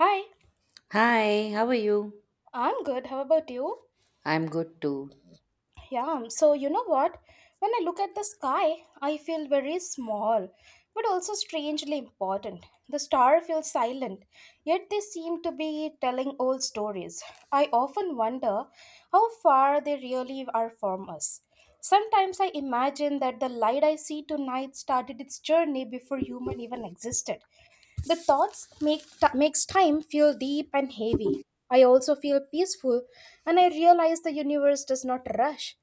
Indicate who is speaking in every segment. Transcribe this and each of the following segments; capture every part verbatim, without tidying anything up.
Speaker 1: Hi,
Speaker 2: Hi, how are you?
Speaker 1: I'm good. How about you?
Speaker 2: I'm good too.
Speaker 1: Yeah, so you know what? When I look at the sky, I feel very small, but also strangely important. The stars feel silent, yet they seem to be telling old stories. I often wonder how far they really are from us. Sometimes I imagine that the light I see tonight started its journey before human even existed. The thoughts make t- makes time feel deep and heavy. I also feel peaceful and I realize the universe does not rush.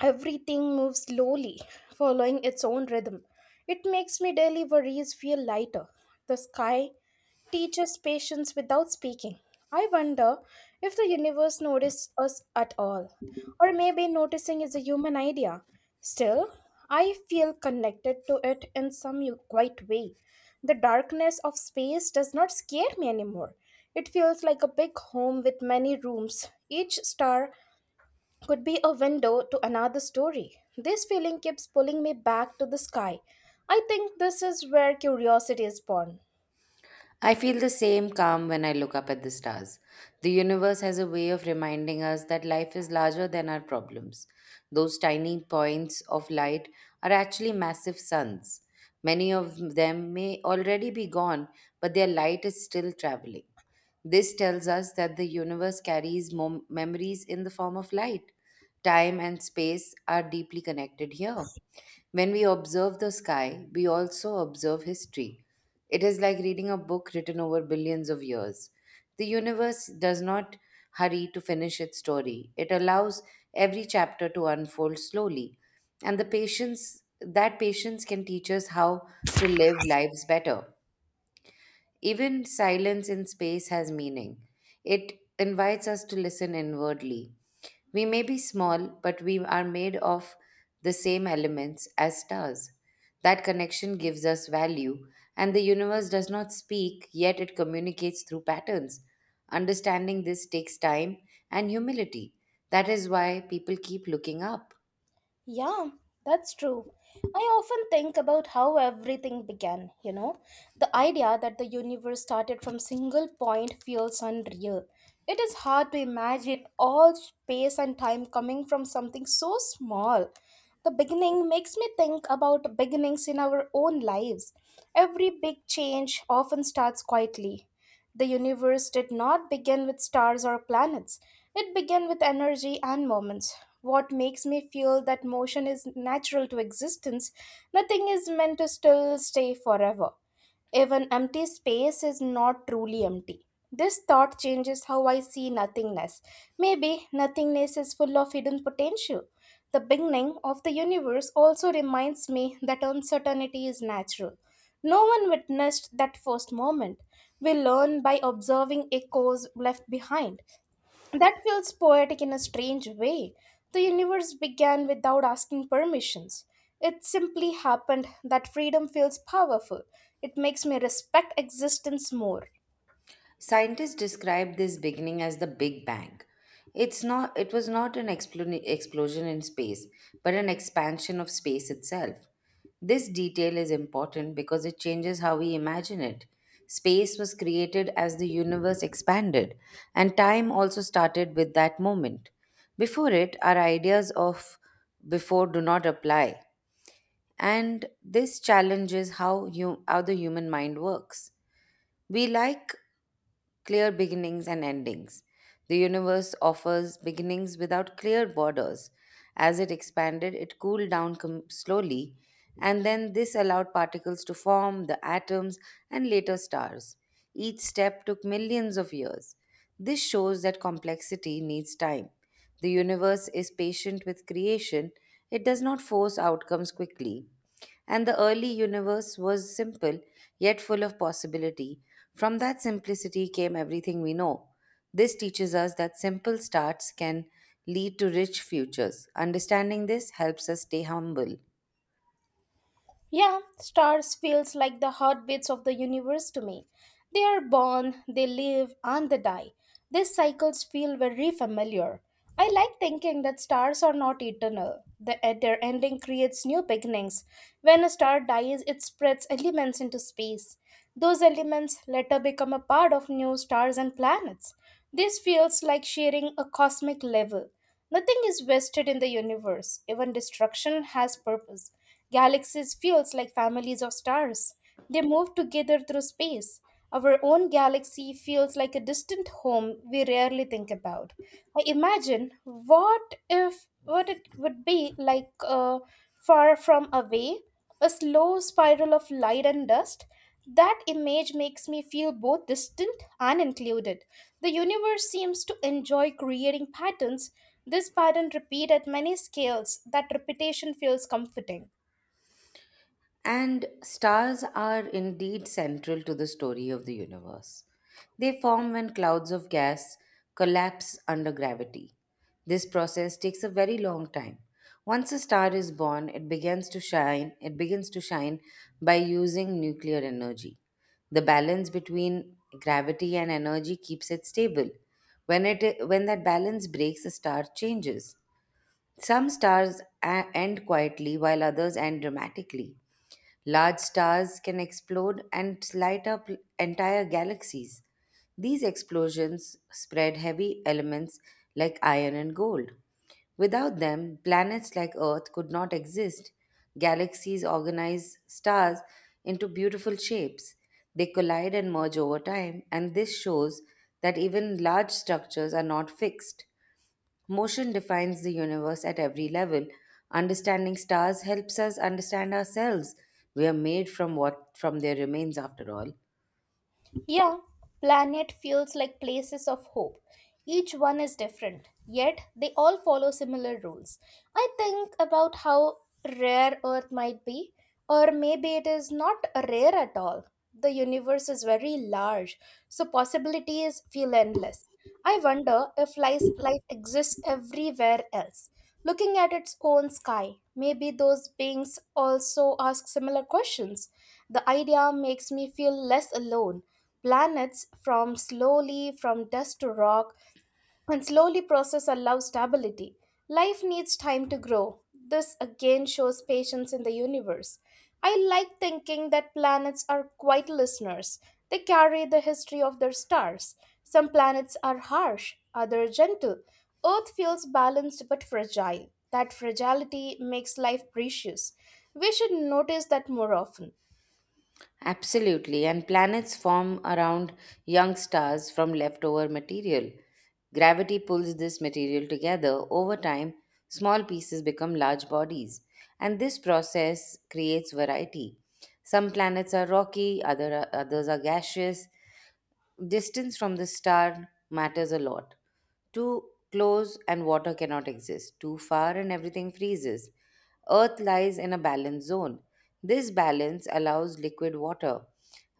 Speaker 1: Everything moves slowly, following its own rhythm. It makes my daily worries feel lighter. The sky teaches patience without speaking. I wonder if the universe notices us at all, or maybe noticing is a human idea. Still, I feel connected to it in some u- quiet way. The darkness of space does not scare me anymore. It feels like a big home with many rooms, each star could be a window to another story. This feeling keeps pulling me back to the sky. I think this is where curiosity is born.
Speaker 2: I feel the same calm when I look up at the stars. The universe has a way of reminding us that life is larger than our problems. Those tiny points of light are actually massive suns. Many of them may already be gone, but their light is still traveling. This tells us that the universe carries mom- memories in the form of light. Time and space are deeply connected here. When we observe the sky, we also observe history. It is like reading a book written over billions of years. The universe does not hurry to finish its story. It allows every chapter to unfold slowly. And the patience that patience can teach us how to live lives better. Even silence in space has meaning. It invites us to listen inwardly. We may be small, but we are made of the same elements as stars. That connection gives us value, and the universe does not speak, yet it communicates through patterns. Understanding this takes time and humility. That is why people keep looking up.
Speaker 1: Yeah, that's true. I often think about how everything began, you know. The idea that the universe started from single point feels unreal. It is hard to imagine all space and time coming from something so small. The beginning makes me think about beginnings in our own lives. Every big change often starts quietly. The universe did not begin with stars or planets, it began with energy and moments. What makes me feel that motion is natural to existence, nothing is meant to still stay forever. Even empty space is not truly empty. This thought changes how I see nothingness. Maybe nothingness is full of hidden potential. The beginning of the universe also reminds me that uncertainty is natural. No one witnessed that first moment. We learn by observing echoes left behind. That feels poetic in a strange way. The universe began without asking permissions. It simply happened that freedom feels powerful. It makes me respect existence more.
Speaker 2: Scientists describe this beginning as the Big Bang. It's not, it was not an explo- explosion in space, but an expansion of space itself. This detail is important because it changes how we imagine it. Space was created as the universe expanded, and time also started with that moment. Before it, our ideas of before do not apply, and this challenges how, you, how the human mind works. We like clear beginnings and endings. The universe offers beginnings without clear borders. As it expanded, it cooled down com- slowly, and then this allowed particles to form, the atoms, and later stars. Each step took millions of years. This shows that complexity needs time. The universe is patient with creation. It does not force outcomes quickly. And the early universe was simple, yet full of possibility. From that simplicity came everything we know. This teaches us that simple starts can lead to rich futures. Understanding this helps us stay humble.
Speaker 1: Yeah, stars feels like the heartbeats of the universe to me. They are born, they live, and they die. These cycles feel very familiar. I like thinking that stars are not eternal. The, at their ending creates new beginnings. When a star dies, it spreads elements into space. Those elements later become a part of new stars and planets. This feels like sharing a cosmic level. Nothing is wasted in the universe. Even destruction has purpose. Galaxies feels like families of stars. They move together through space. Our own galaxy feels like a distant home we rarely think about. I imagine what if what it would be like uh, far from away, a slow spiral of light and dust. That image makes me feel both distant and included. The universe seems to enjoy creating patterns. This pattern repeat at many scales. That repetition feels comforting.
Speaker 2: And stars are indeed central to the story of the universe. They form when clouds of gas collapse under gravity. This process takes a very long time. Once a star is born, it begins to shine, it begins to shine by using nuclear energy. The balance between gravity and energy keeps it stable. When it when that balance breaks, a star changes. Some stars a- end quietly while others end dramatically. Large stars can explode and light up entire galaxies. These explosions spread heavy elements like iron and gold. Without them, planets like Earth could not exist. Galaxies organize stars into beautiful shapes. They collide and merge over time, and this shows that even large structures are not fixed. Motion defines the universe at every level. Understanding stars helps us understand ourselves. We are made from what from their remains after all.
Speaker 1: Yeah, planet feels like places of hope. Each one is different, yet they all follow similar rules. I think about how rare Earth might be, or maybe it is not rare at all. The universe is very large, so possibilities feel endless. I wonder if life, life exists everywhere else. Looking at its own sky, maybe those beings also ask similar questions. The idea makes me feel less alone. Planets from slowly from dust to rock and slowly process allows stability. Life needs time to grow. This again shows patience in the universe. I like thinking that planets are quiet listeners. They carry the history of their stars. Some planets are harsh, others gentle. Earth feels balanced but fragile. That fragility makes life precious. We should notice that more often.
Speaker 2: Absolutely, and planets form around young stars from leftover material. Gravity pulls this material together. Over time, small pieces become large bodies, and this process creates variety. Some planets are rocky, other, others are gaseous. Distance from the star matters a lot. Too close and water cannot exist. Too far and everything freezes. Earth lies in a balance zone. This balance allows liquid water.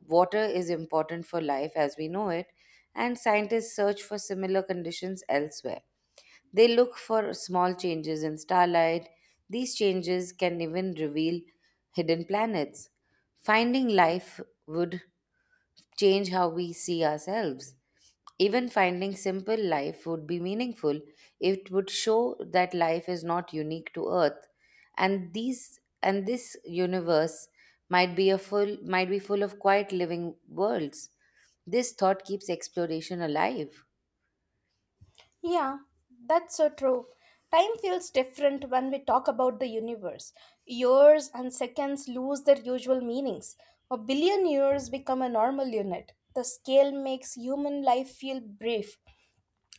Speaker 2: Water is important for life as we know it, and scientists search for similar conditions elsewhere. They look for small changes in starlight. These changes can even reveal hidden planets. Finding life would change how we see ourselves. Even finding simple life would be meaningful. It would show that life is not unique to Earth, and these and this universe might be a full might be full of quiet living worlds. This thought keeps exploration alive.
Speaker 1: Yeah, that's so true. Time feels different when we talk about the universe. Years and seconds lose their usual meanings. A billion years become a normal unit. The scale makes human life feel brief,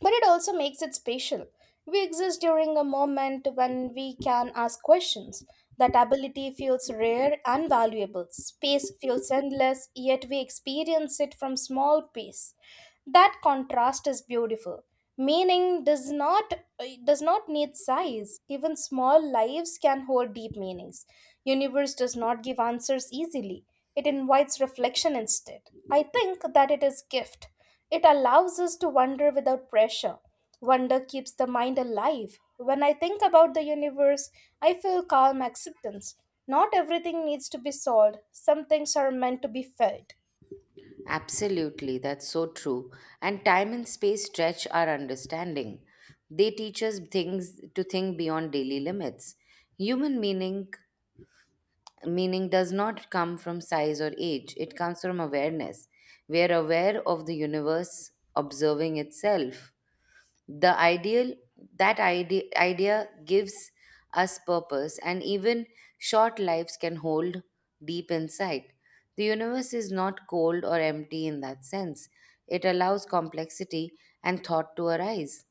Speaker 1: but it also makes it special. We exist during a moment when we can ask questions. That ability feels rare and valuable. Space feels endless, yet we experience it from small space. That contrast is beautiful. Meaning does not uh, does not need size. Even small lives can hold deep meanings. Universe does not give answers easily. It invites reflection instead. I think that it is gift. It allows us to wonder without pressure. Wonder keeps the mind alive. When I think about the universe, I feel calm acceptance. Not everything needs to be solved. Some things are meant to be felt.
Speaker 2: Absolutely, that's so true. And time and space stretch our understanding. They teach us things to think beyond daily limits. Human meaning meaning does not come from size or age. It comes from awareness. We are aware of the universe observing itself. The ideal that idea, idea gives us purpose, and even short lives can hold deep insight. The universe is not cold or empty in that sense. It allows complexity and thought to arise.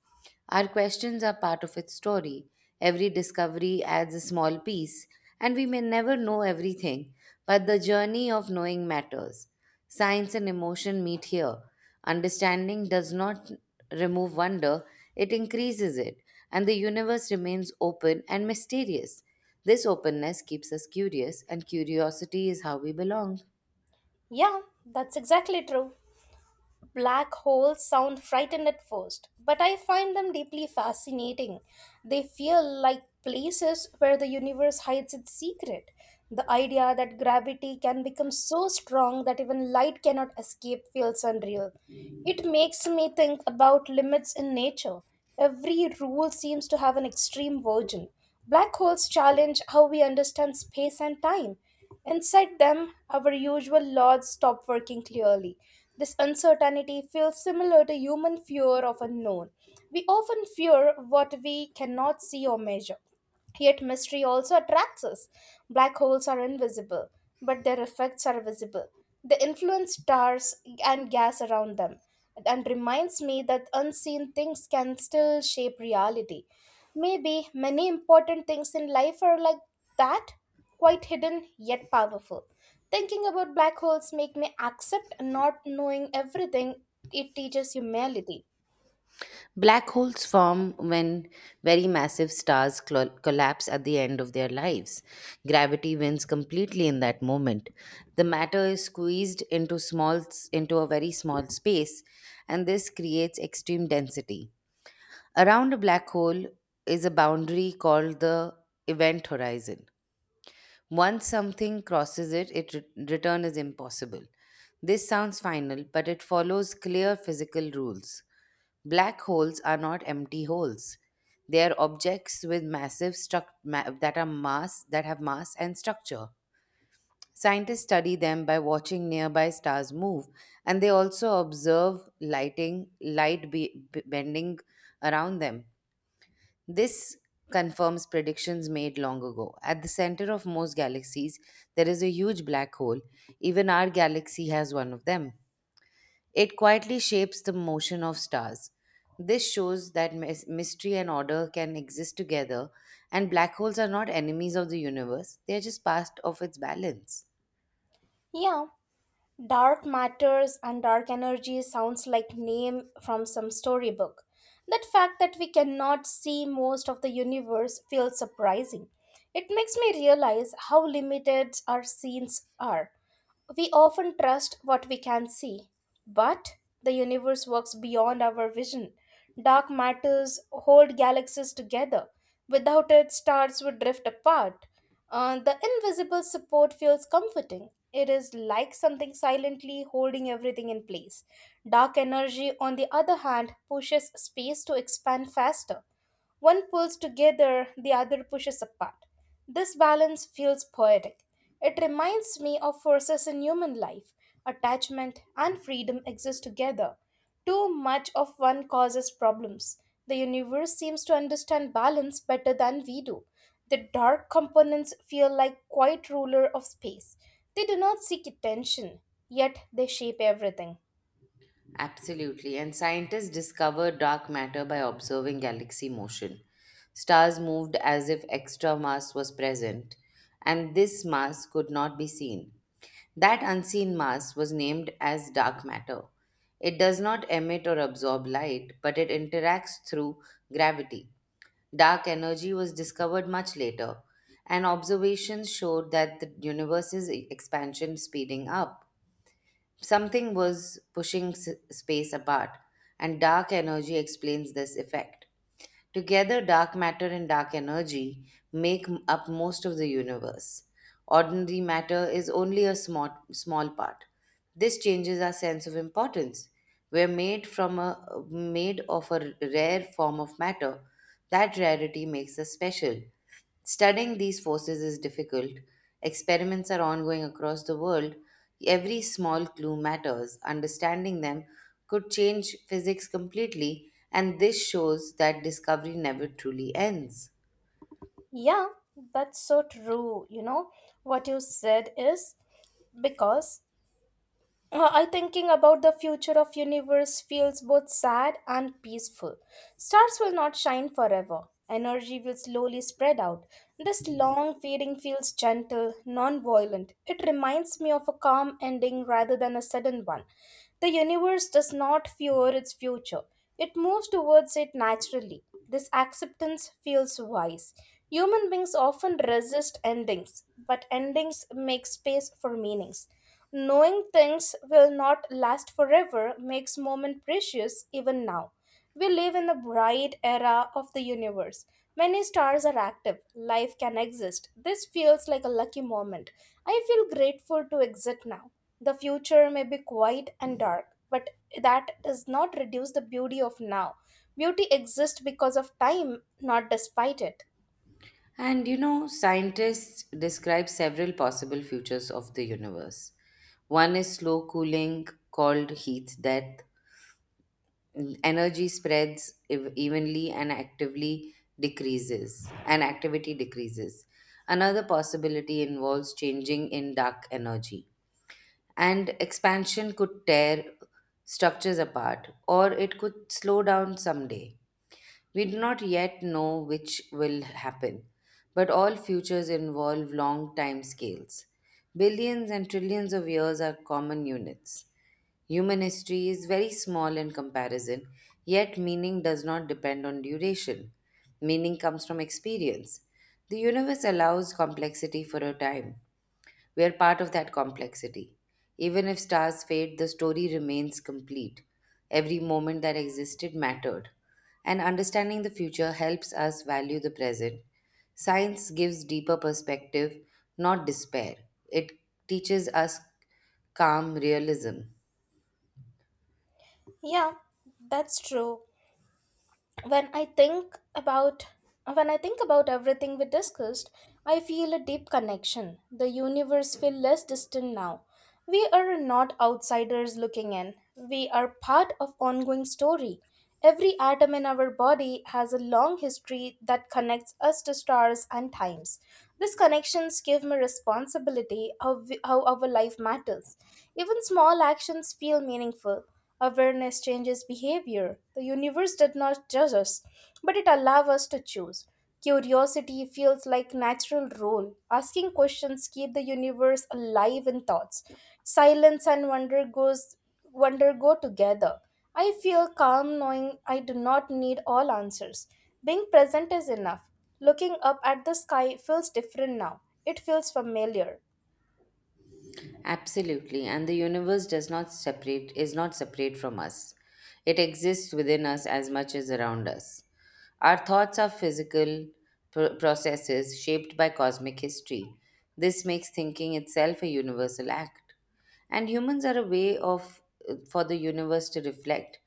Speaker 2: Our questions are part of its story. Every discovery adds a small piece, and we may never know everything, but the journey of knowing matters. Science and emotion meet here. Understanding does not remove wonder, it increases it, and the universe remains open and mysterious. This openness keeps us curious, and curiosity is how we belong.
Speaker 1: Yeah, that's exactly true. Black holes sound frightened at first, but I find them deeply fascinating. They feel like places where the universe hides its secret. The idea that gravity can become so strong that even light cannot escape feels unreal. It makes me think about limits in nature. Every rule seems to have an extreme version. Black holes challenge how we understand space and time. Inside them, our usual laws stop working clearly. This uncertainty feels similar to human fear of unknown. We often fear what we cannot see or measure. Yet mystery also attracts us. Black holes are invisible, but their effects are visible. They influence stars and gas around them, and reminds me that unseen things can still shape reality. Maybe many important things in life are like that, quite hidden yet powerful. Thinking about black holes make me accept not knowing everything. It teaches humility.
Speaker 2: Black holes form when very massive stars col- collapse at the end of their lives. Gravity wins completely in that moment. The matter is squeezed into small s- into a very small space, and this creates extreme density. Around a black hole is a boundary called the event horizon. Once something crosses it, its re- return is impossible. This sounds final, but it follows clear physical rules. Black holes are not empty holes. They are objects with massive struc- ma- that are mass that have mass and structure. Scientists study them by watching nearby stars move, and they also observe lighting light be- b- bending around them. This confirms predictions made long ago. At the center of most galaxies, there is a huge black hole. Even our galaxy has one of them. It quietly shapes the motion of stars. This shows that mys- mystery and order can exist together, and black holes are not enemies of the universe, they are just part of its balance.
Speaker 1: Yeah, dark matters and dark energy sounds like name from some storybook. That fact that we cannot see most of the universe feels surprising. It makes me realize how limited our scenes are. We often trust what we can see, but the universe works beyond our vision. Dark matters hold galaxies together. Without it, stars would drift apart. Uh, the invisible support feels comforting. It is like something silently holding everything in place. Dark energy, on the other hand, pushes space to expand faster. One pulls together, the other pushes apart. This balance feels poetic. It reminds me of forces in human life. Attachment and freedom exist together. Too much of one causes problems. The universe seems to understand balance better than we do. The dark components feel like quiet ruler of space. They do not seek attention, yet they shape everything.
Speaker 2: Absolutely, and scientists discover dark matter by observing galaxy motion. Stars moved as if extra mass was present, and this mass could not be seen. That unseen mass was named as dark matter. It does not emit or absorb light, but it interacts through gravity. Dark energy was discovered much later, and observations showed that the universe's e- expansion speeding up. Something was pushing s- space apart, and dark energy explains this effect. Together, dark matter and dark energy make m- up most of the universe. Ordinary matter is only a small, small part. This changes our sense of importance. We're made from a made of a rare form of matter. That rarity makes us special. Studying these forces is difficult. Experiments are ongoing across the world. Every small clue matters. Understanding them could change physics completely, and this shows that discovery never truly ends.
Speaker 1: Yeah, that's so true. You know, what you said is because Uh, I thinking about the future of universe feels both sad and peaceful. Stars will not shine forever. Energy will slowly spread out. This long fading feels gentle, non-violent. It reminds me of a calm ending rather than a sudden one. The universe does not fear its future. It moves towards it naturally. This acceptance feels wise. Human beings often resist endings, but endings make space for meanings. Knowing things will not last forever makes moment precious even now. We live in a bright era of the universe. Many stars are active. Life can exist. This feels like a lucky moment. I feel grateful to exist now. The future may be quiet and dark, but that does not reduce the beauty of now. Beauty exists because of time, not despite it.
Speaker 2: And you know, scientists describe several possible futures of the universe. One is slow cooling, called heat death. Energy spreads ev- evenly and actively decreases, and activity decreases. Another possibility involves changing in dark energy. And expansion could tear structures apart, or it could slow down someday. We do not yet know which will happen, but all futures involve long time scales. Billions and trillions of years are common units. Human history is very small in comparison, yet meaning does not depend on duration. Meaning comes from experience. The universe allows complexity for a time. We are part of that complexity. Even if stars fade, the story remains complete. Every moment that existed mattered. And understanding the future helps us value the present. Science gives deeper perspective, not despair. It teaches us calm realism.
Speaker 1: Yeah, that's true. when i think about when i think about everything we discussed, I feel a deep connection. The universe feels less distant now. We are not outsiders looking in, we are part of ongoing story. Every atom in our body has a long history that connects us to stars and times. These connections give me responsibility of how our life matters. Even small actions feel meaningful. Awareness changes behavior. The universe did not judge us, but it allows us to choose. Curiosity feels like natural role. Asking questions keep the universe alive in thoughts. Silence and wonder goes wonder go together. I feel calm knowing I do not need all answers. Being present is enough. Looking up at the sky feels different now. It feels familiar.
Speaker 2: Absolutely, and the universe does not separate is not separate from us. It exists within us as much as around us. Our thoughts are physical pro- processes shaped by cosmic history. This makes thinking itself a universal act. And humans are a way of for the universe to reflect.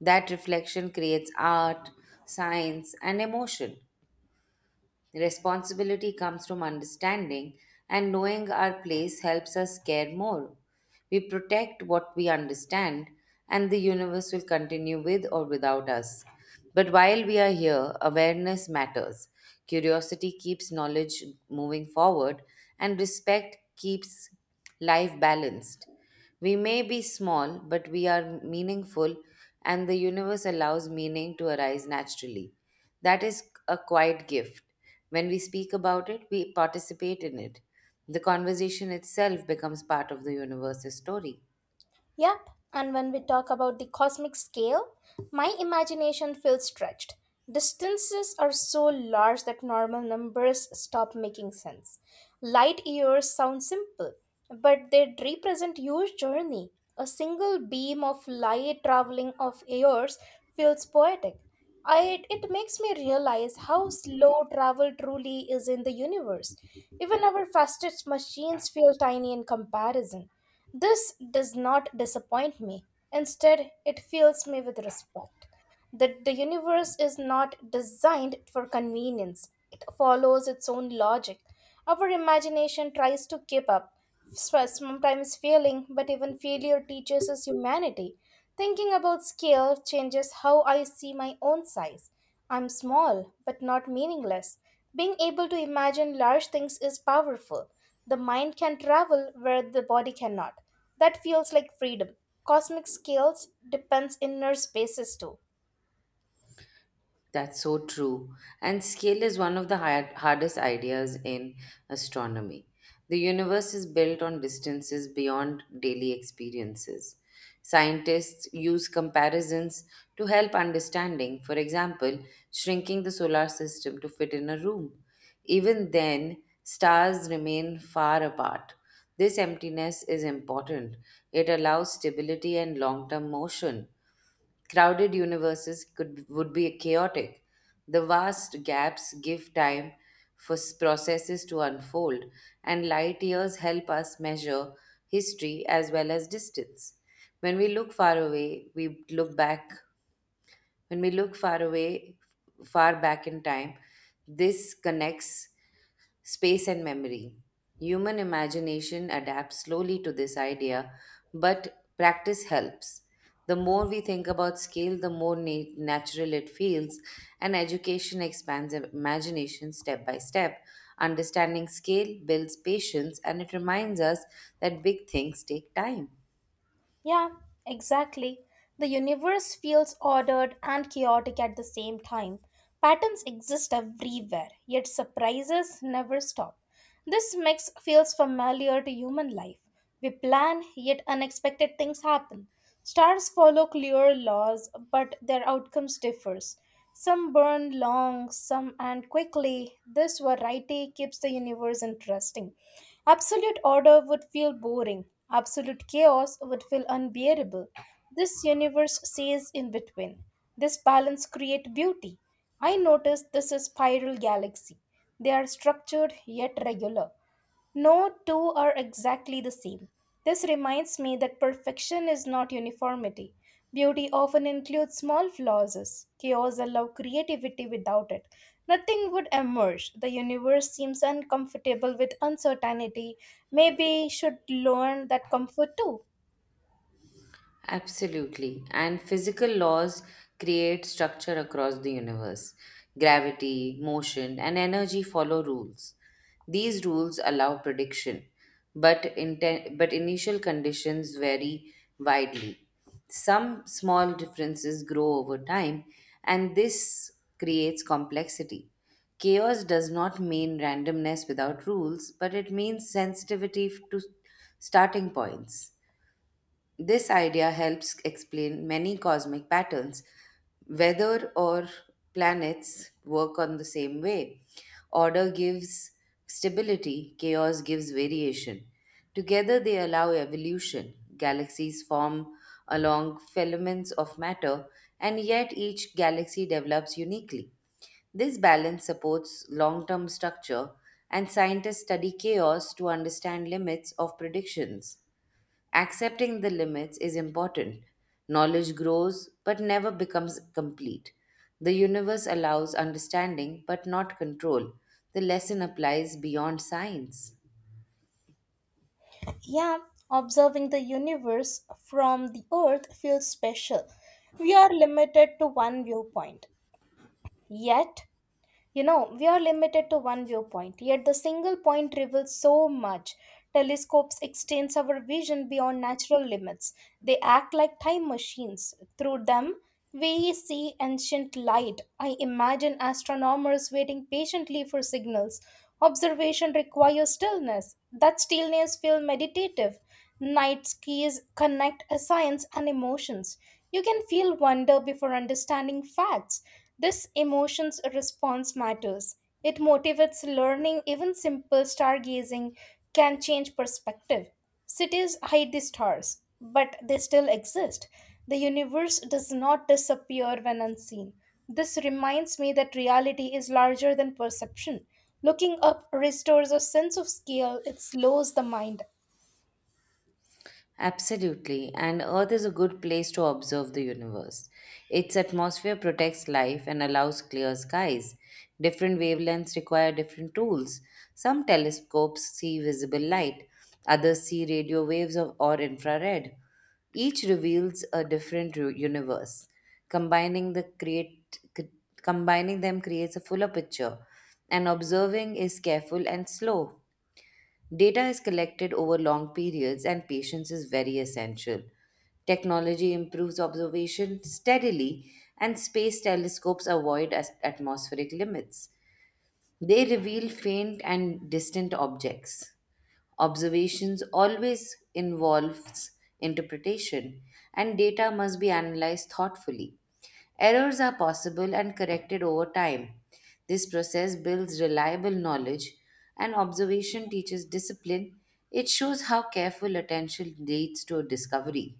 Speaker 2: That reflection creates art, science, and emotion. Responsibility comes from understanding, and knowing our place helps us care more. We protect what we understand, and the universe will continue with or without us. But while we are here, awareness matters. Curiosity keeps knowledge moving forward, and respect keeps life balanced. We may be small, but we are meaningful, and the universe allows meaning to arise naturally. That is a quiet gift. When we speak about it, we participate in it. The conversation itself becomes part of the universe's story.
Speaker 1: Yep, and when we talk about the cosmic scale, my imagination feels stretched. Distances are so large that normal numbers stop making sense. Light years sound simple, but they represent huge journey. A single beam of light traveling of years feels poetic. I, it makes me realize how slow travel truly is in the universe. Even our fastest machines feel tiny in comparison. This does not disappoint me. Instead, it fills me with respect that the universe is not designed for convenience. It follows its own logic. Our imagination tries to keep up, s- sometimes failing, but even failure teaches us humanity. Thinking about scale changes how I see my own size. I'm small, but not meaningless. Being able to imagine large things is powerful. The mind can travel where the body cannot. That feels like freedom. Cosmic scales depends inner spaces too.
Speaker 2: That's so true. And scale is one of the hi- hardest ideas in astronomy. The universe is built on distances beyond daily experiences. Scientists use comparisons to help understanding, for example, shrinking the solar system to fit in a room. Even then, stars remain far apart. This emptiness is important. It allows stability and long term motion. Crowded universes could would be chaotic. The vast gaps give time for s- processes to unfold, and light years help us measure history as well as distance. When we look far away, we look back. When we look far away, far back in time, this connects space and memory. Human imagination adapts slowly to this idea, but practice helps. The more we think about scale, the more na- natural it feels, and education expands imagination step by step. Understanding scale builds patience, and it reminds us that big things take time.
Speaker 1: Yeah, exactly. The universe feels ordered and chaotic at the same time. Patterns exist everywhere, yet surprises never stop. This mix feels familiar to human life. We plan, yet unexpected things happen. Stars follow clear laws, but their outcomes differs. Some burn long, some end quickly. This variety keeps the universe interesting. Absolute order would feel boring. Absolute chaos would feel unbearable. This universe stays in between. This balance creates beauty. I notice this is spiral galaxy. They are structured yet regular. No two are exactly the same. This reminds me that perfection is not uniformity. Beauty often includes small flaws. Chaos allows creativity without it. Nothing would emerge. The universe seems uncomfortable with uncertainty. Maybe should learn that comfort too.
Speaker 2: Absolutely. And physical laws create structure across the universe. Gravity, motion, and energy follow rules. These rules allow prediction, but, inten- but initial conditions vary widely. Some small differences grow over time, and this creates complexity. Chaos does not mean randomness without rules, but it means sensitivity to starting points. This idea helps explain many cosmic patterns. Weather or planets work on the same way. Order gives stability, chaos gives variation. Together, they allow evolution. Galaxies form along filaments of matter, and yet each galaxy develops uniquely. This balance supports long term structure, and scientists study chaos to understand limits of predictions. Accepting the limits is important. Knowledge grows but never becomes complete. The universe allows understanding but not control. The lesson applies beyond science.
Speaker 1: Yeah, observing the universe from the earth feels special. We are limited to one viewpoint. Yet, You know, we are limited to one viewpoint, yet the single point reveals so much. Telescopes extend our vision beyond natural limits. They act like time machines. Through them, we see ancient light. I imagine astronomers waiting patiently for signals. Observation requires stillness. That stillness feels meditative. Night skies connect science and emotions. You can feel wonder before understanding facts. This emotions response matters. It motivates learning. Even simple stargazing can change perspective. Cities hide the stars, but they still exist. The universe does not disappear when unseen. This reminds me that reality is larger than perception. Looking up restores a sense of scale, it slows the mind.
Speaker 2: Absolutely, and Earth is a good place to observe the universe. Its atmosphere protects life and allows clear skies. Different wavelengths require different tools. Some telescopes see visible light, others see radio waves of, or infrared. Each reveals a different ru- universe. Combining the create c- Combining them creates a fuller picture, and observing is careful and slow. Data is collected over long periods, and patience is very essential. Technology improves observation steadily, and space telescopes avoid as- atmospheric limits. They reveal faint and distant objects. Observations always involves interpretation and data must be analyzed thoughtfully. Errors are possible and corrected over time. This process builds reliable knowledge and observation teaches discipline. It shows how careful attention leads to a discovery.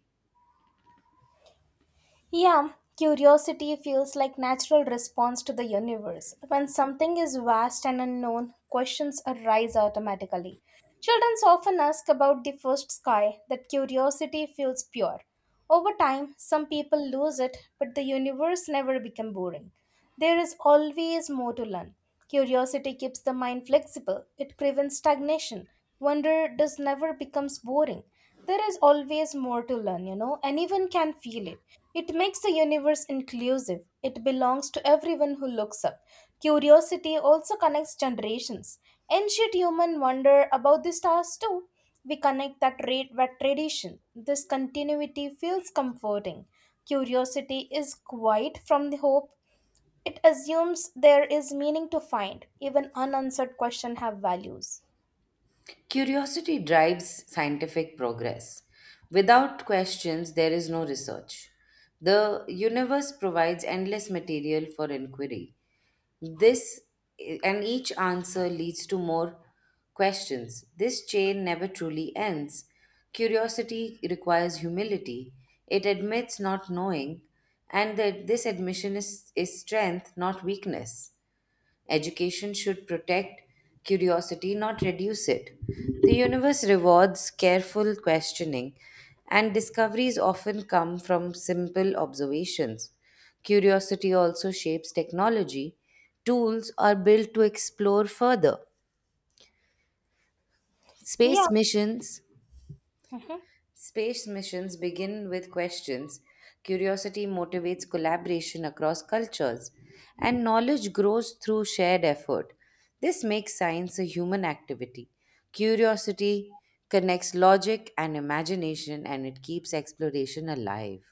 Speaker 1: Yeah, curiosity feels like natural response to the universe. When something is vast and unknown, questions arise automatically. Children often ask about the first sky. That curiosity feels pure. Over time, some people lose it, but the universe never became boring. There is always more to learn. Curiosity keeps the mind flexible, it prevents stagnation. Wonder does never becomes boring. There is always more to learn, you know. Anyone can feel it. It makes the universe inclusive. It belongs to everyone who looks up. Curiosity also connects generations. Ancient human wonder about the stars too. We connect that rate with tradition. This continuity feels comforting. Curiosity is quiet from the hope it assumes there is meaning to find. Even unanswered questions have values.
Speaker 2: Curiosity drives scientific progress. Without questions, there is no research. The universe provides endless material for inquiry. This and each answer leads to more questions. This chain never truly ends. Curiosity requires humility. It admits not knowing, and that this admission is, is strength, not weakness. Education should protect curiosity, not reduce it. The universe rewards careful questioning, and discoveries often come from simple observations. Curiosity also shapes technology. Tools are built to explore further. Space
Speaker 1: Yeah.
Speaker 2: missions
Speaker 1: Mhm.
Speaker 2: Space missions begin with questions. Curiosity motivates collaboration across cultures, and knowledge grows through shared effort. This makes science a human activity. Curiosity connects logic and imagination, and it keeps exploration alive.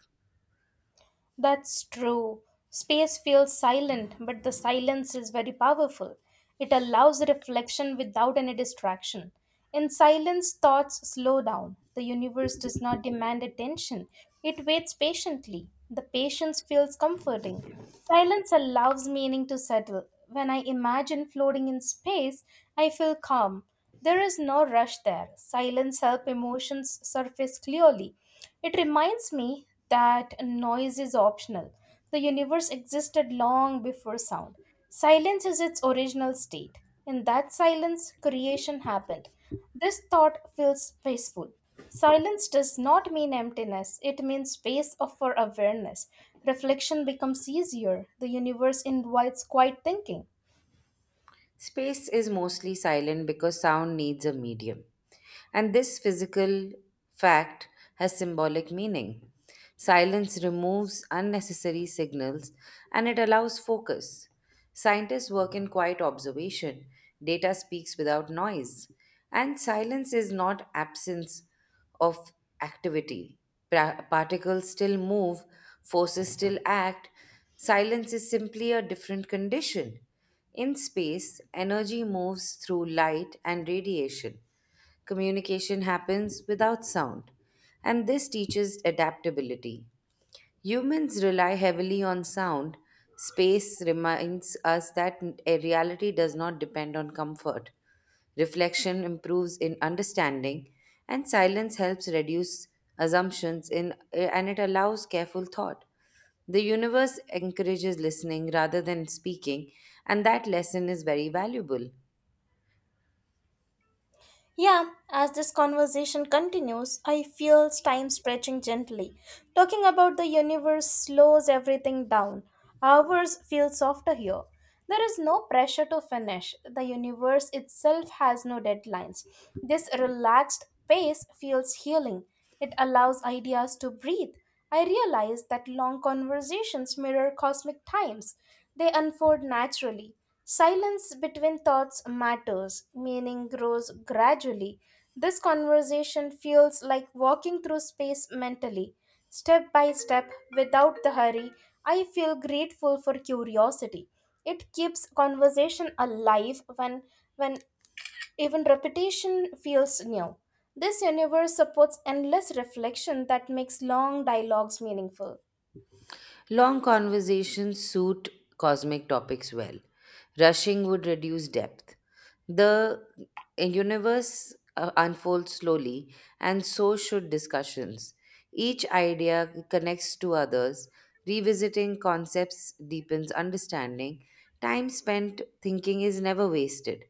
Speaker 1: That's true. Space feels silent, but the silence is very powerful. It allows reflection without any distraction. In silence, thoughts slow down. The universe does not demand attention, it waits patiently. The patience feels comforting. Silence allows meaning to settle. When I imagine floating in space, I feel calm. There is no rush there. Silence helps emotions surface clearly. It reminds me that noise is optional. The universe existed long before sound. Silence is its original state. In that silence, creation happened. This thought feels peaceful. Silence does not mean emptiness, it means space of- for awareness. Reflection becomes easier. The universe invites quiet thinking.
Speaker 2: Space is mostly silent because sound needs a medium. And this physical fact has symbolic meaning. Silence removes unnecessary signals and it allows focus. Scientists work in quiet observation, data speaks without noise, and silence is not absence of activity. Pra- particles still move, forces still act. Silence is simply a different condition. In space, energy moves through light and radiation. Communication happens without sound. And this teaches adaptability. Humans rely heavily on sound. Space reminds us that n- a reality does not depend on comfort. Reflection improves in understanding, and silence helps reduce assumptions in, and it allows careful thought. The universe encourages listening rather than speaking, and that lesson is very valuable.
Speaker 1: Yeah, as this conversation continues, I feel time stretching gently. Talking about the universe slows everything down. Hours feel softer here. There is no pressure to finish. The universe itself has no deadlines. This relaxed pace feels healing. It allows ideas to breathe. I realized that long conversations mirror cosmic times. They unfold naturally. Silence between thoughts matters, meaning grows gradually. This conversation feels like walking through space mentally. Step by step, without the hurry, I feel grateful for curiosity. It keeps conversation alive when when even repetition feels new. This universe supports endless reflection that makes long dialogues meaningful.
Speaker 2: Long conversations suit cosmic topics well. Rushing would reduce depth. The universe uh, unfolds slowly, and so should discussions. Each idea connects to others. Revisiting concepts deepens understanding. Time spent thinking is never wasted.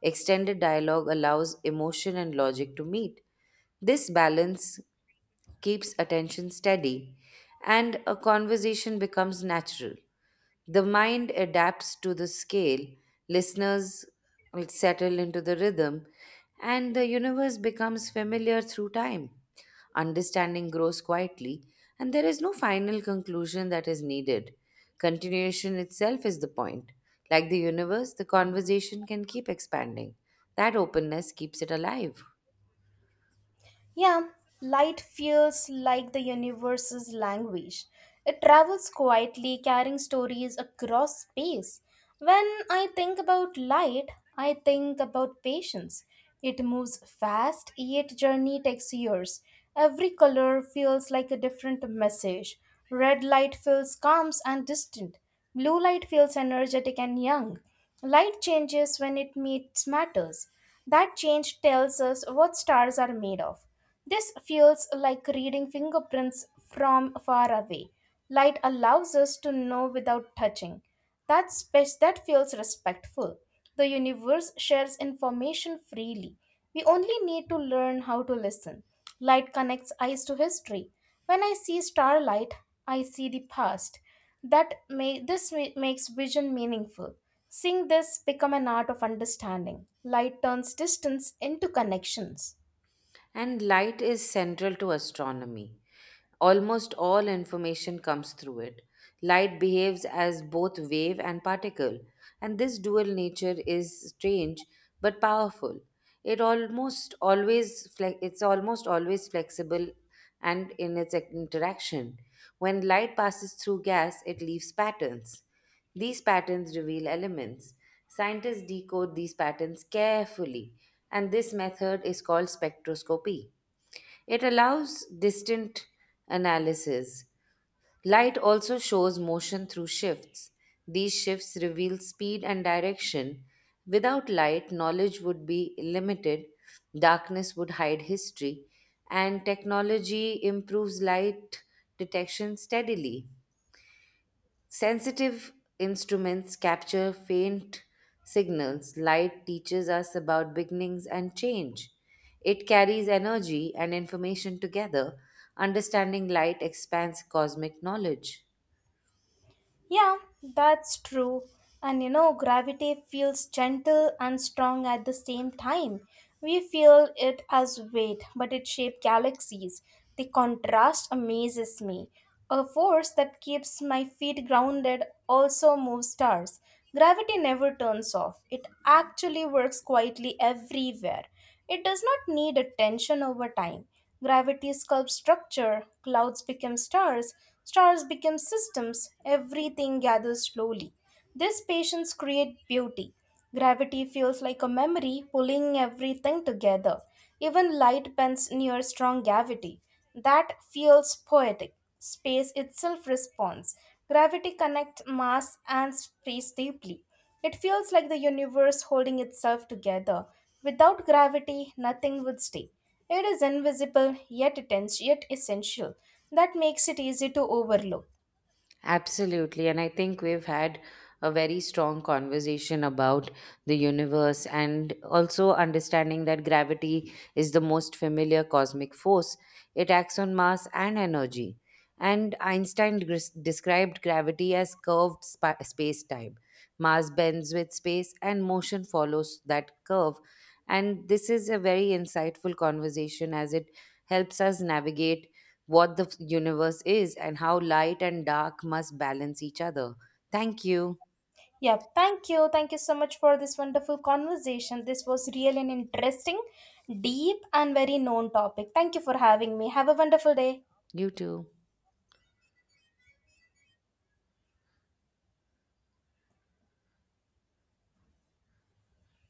Speaker 2: Extended dialogue allows emotion and logic to meet. This balance keeps attention steady, and a conversation becomes natural. The mind adapts to the scale, listeners will settle into the rhythm, and the universe becomes familiar through time. Understanding grows quietly, and there is no final conclusion that is needed. Continuation itself is the point. Like the universe, the conversation can keep expanding. That openness keeps it alive.
Speaker 1: Yeah, light feels like the universe's language. It travels quietly, carrying stories across space. When I think about light, I think about patience. It moves fast, yet journey takes years. Every color feels like a different message. Red light feels calm and distant. Blue light feels energetic and young. Light changes when it meets matters. That change tells us what stars are made of. This feels like reading fingerprints from far away. Light allows us to know without touching. That space that feels respectful. The universe shares information freely. We only need to learn how to listen. Light connects eyes to history. When I see starlight, I see the past that may, this ma- makes vision meaningful, seeing this become an art of understanding, light turns distance into connections.
Speaker 2: And light is central to astronomy. Almost all information comes through it. Light behaves as both wave and particle, and this dual nature is strange but powerful. It almost always fle- it's almost always flexible and in its interaction. When light passes through gas, it leaves patterns. These patterns reveal elements. Scientists decode these patterns carefully, and this method is called spectroscopy. It allows distant analysis. Light also shows motion through shifts. These shifts reveal speed and direction. Without light, knowledge would be limited, darkness would hide history, and technology improves light detection steadily. Sensitive instruments capture faint signals. Light teaches us about beginnings and change. It carries energy and information together. Understanding light expands cosmic knowledge.
Speaker 1: Yeah, that's true. And you know, gravity feels gentle and strong at the same time. We feel it as weight, but it shapes galaxies. The contrast amazes me. A force that keeps my feet grounded also moves stars. Gravity never turns off, it actually works quietly everywhere. It does not need attention over time. Gravity sculpts structure, clouds become stars, stars become systems, everything gathers slowly. This patience creates beauty. Gravity feels like a memory pulling everything together. Even light bends near strong gravity. That feels poetic. Space itself responds. Gravity connects mass and space deeply. It feels like the universe holding itself together. Without gravity, nothing would stay. It is invisible, yet, intense, yet essential. That makes it easy to overlook.
Speaker 2: Absolutely. And I think we've had a very strong conversation about the universe and also understanding that gravity is the most familiar cosmic force. It acts on mass and energy. And Einstein gres- described gravity as curved spa- space time. Mass bends with space and motion follows that curve. And this is a very insightful conversation as it helps us navigate what the universe is and how light and dark must balance each other. Thank you.
Speaker 1: Yeah, thank you. Thank you so much for this wonderful conversation. This was really an interesting, deep, and very known topic. Thank you for having me. Have a wonderful day.
Speaker 2: You too.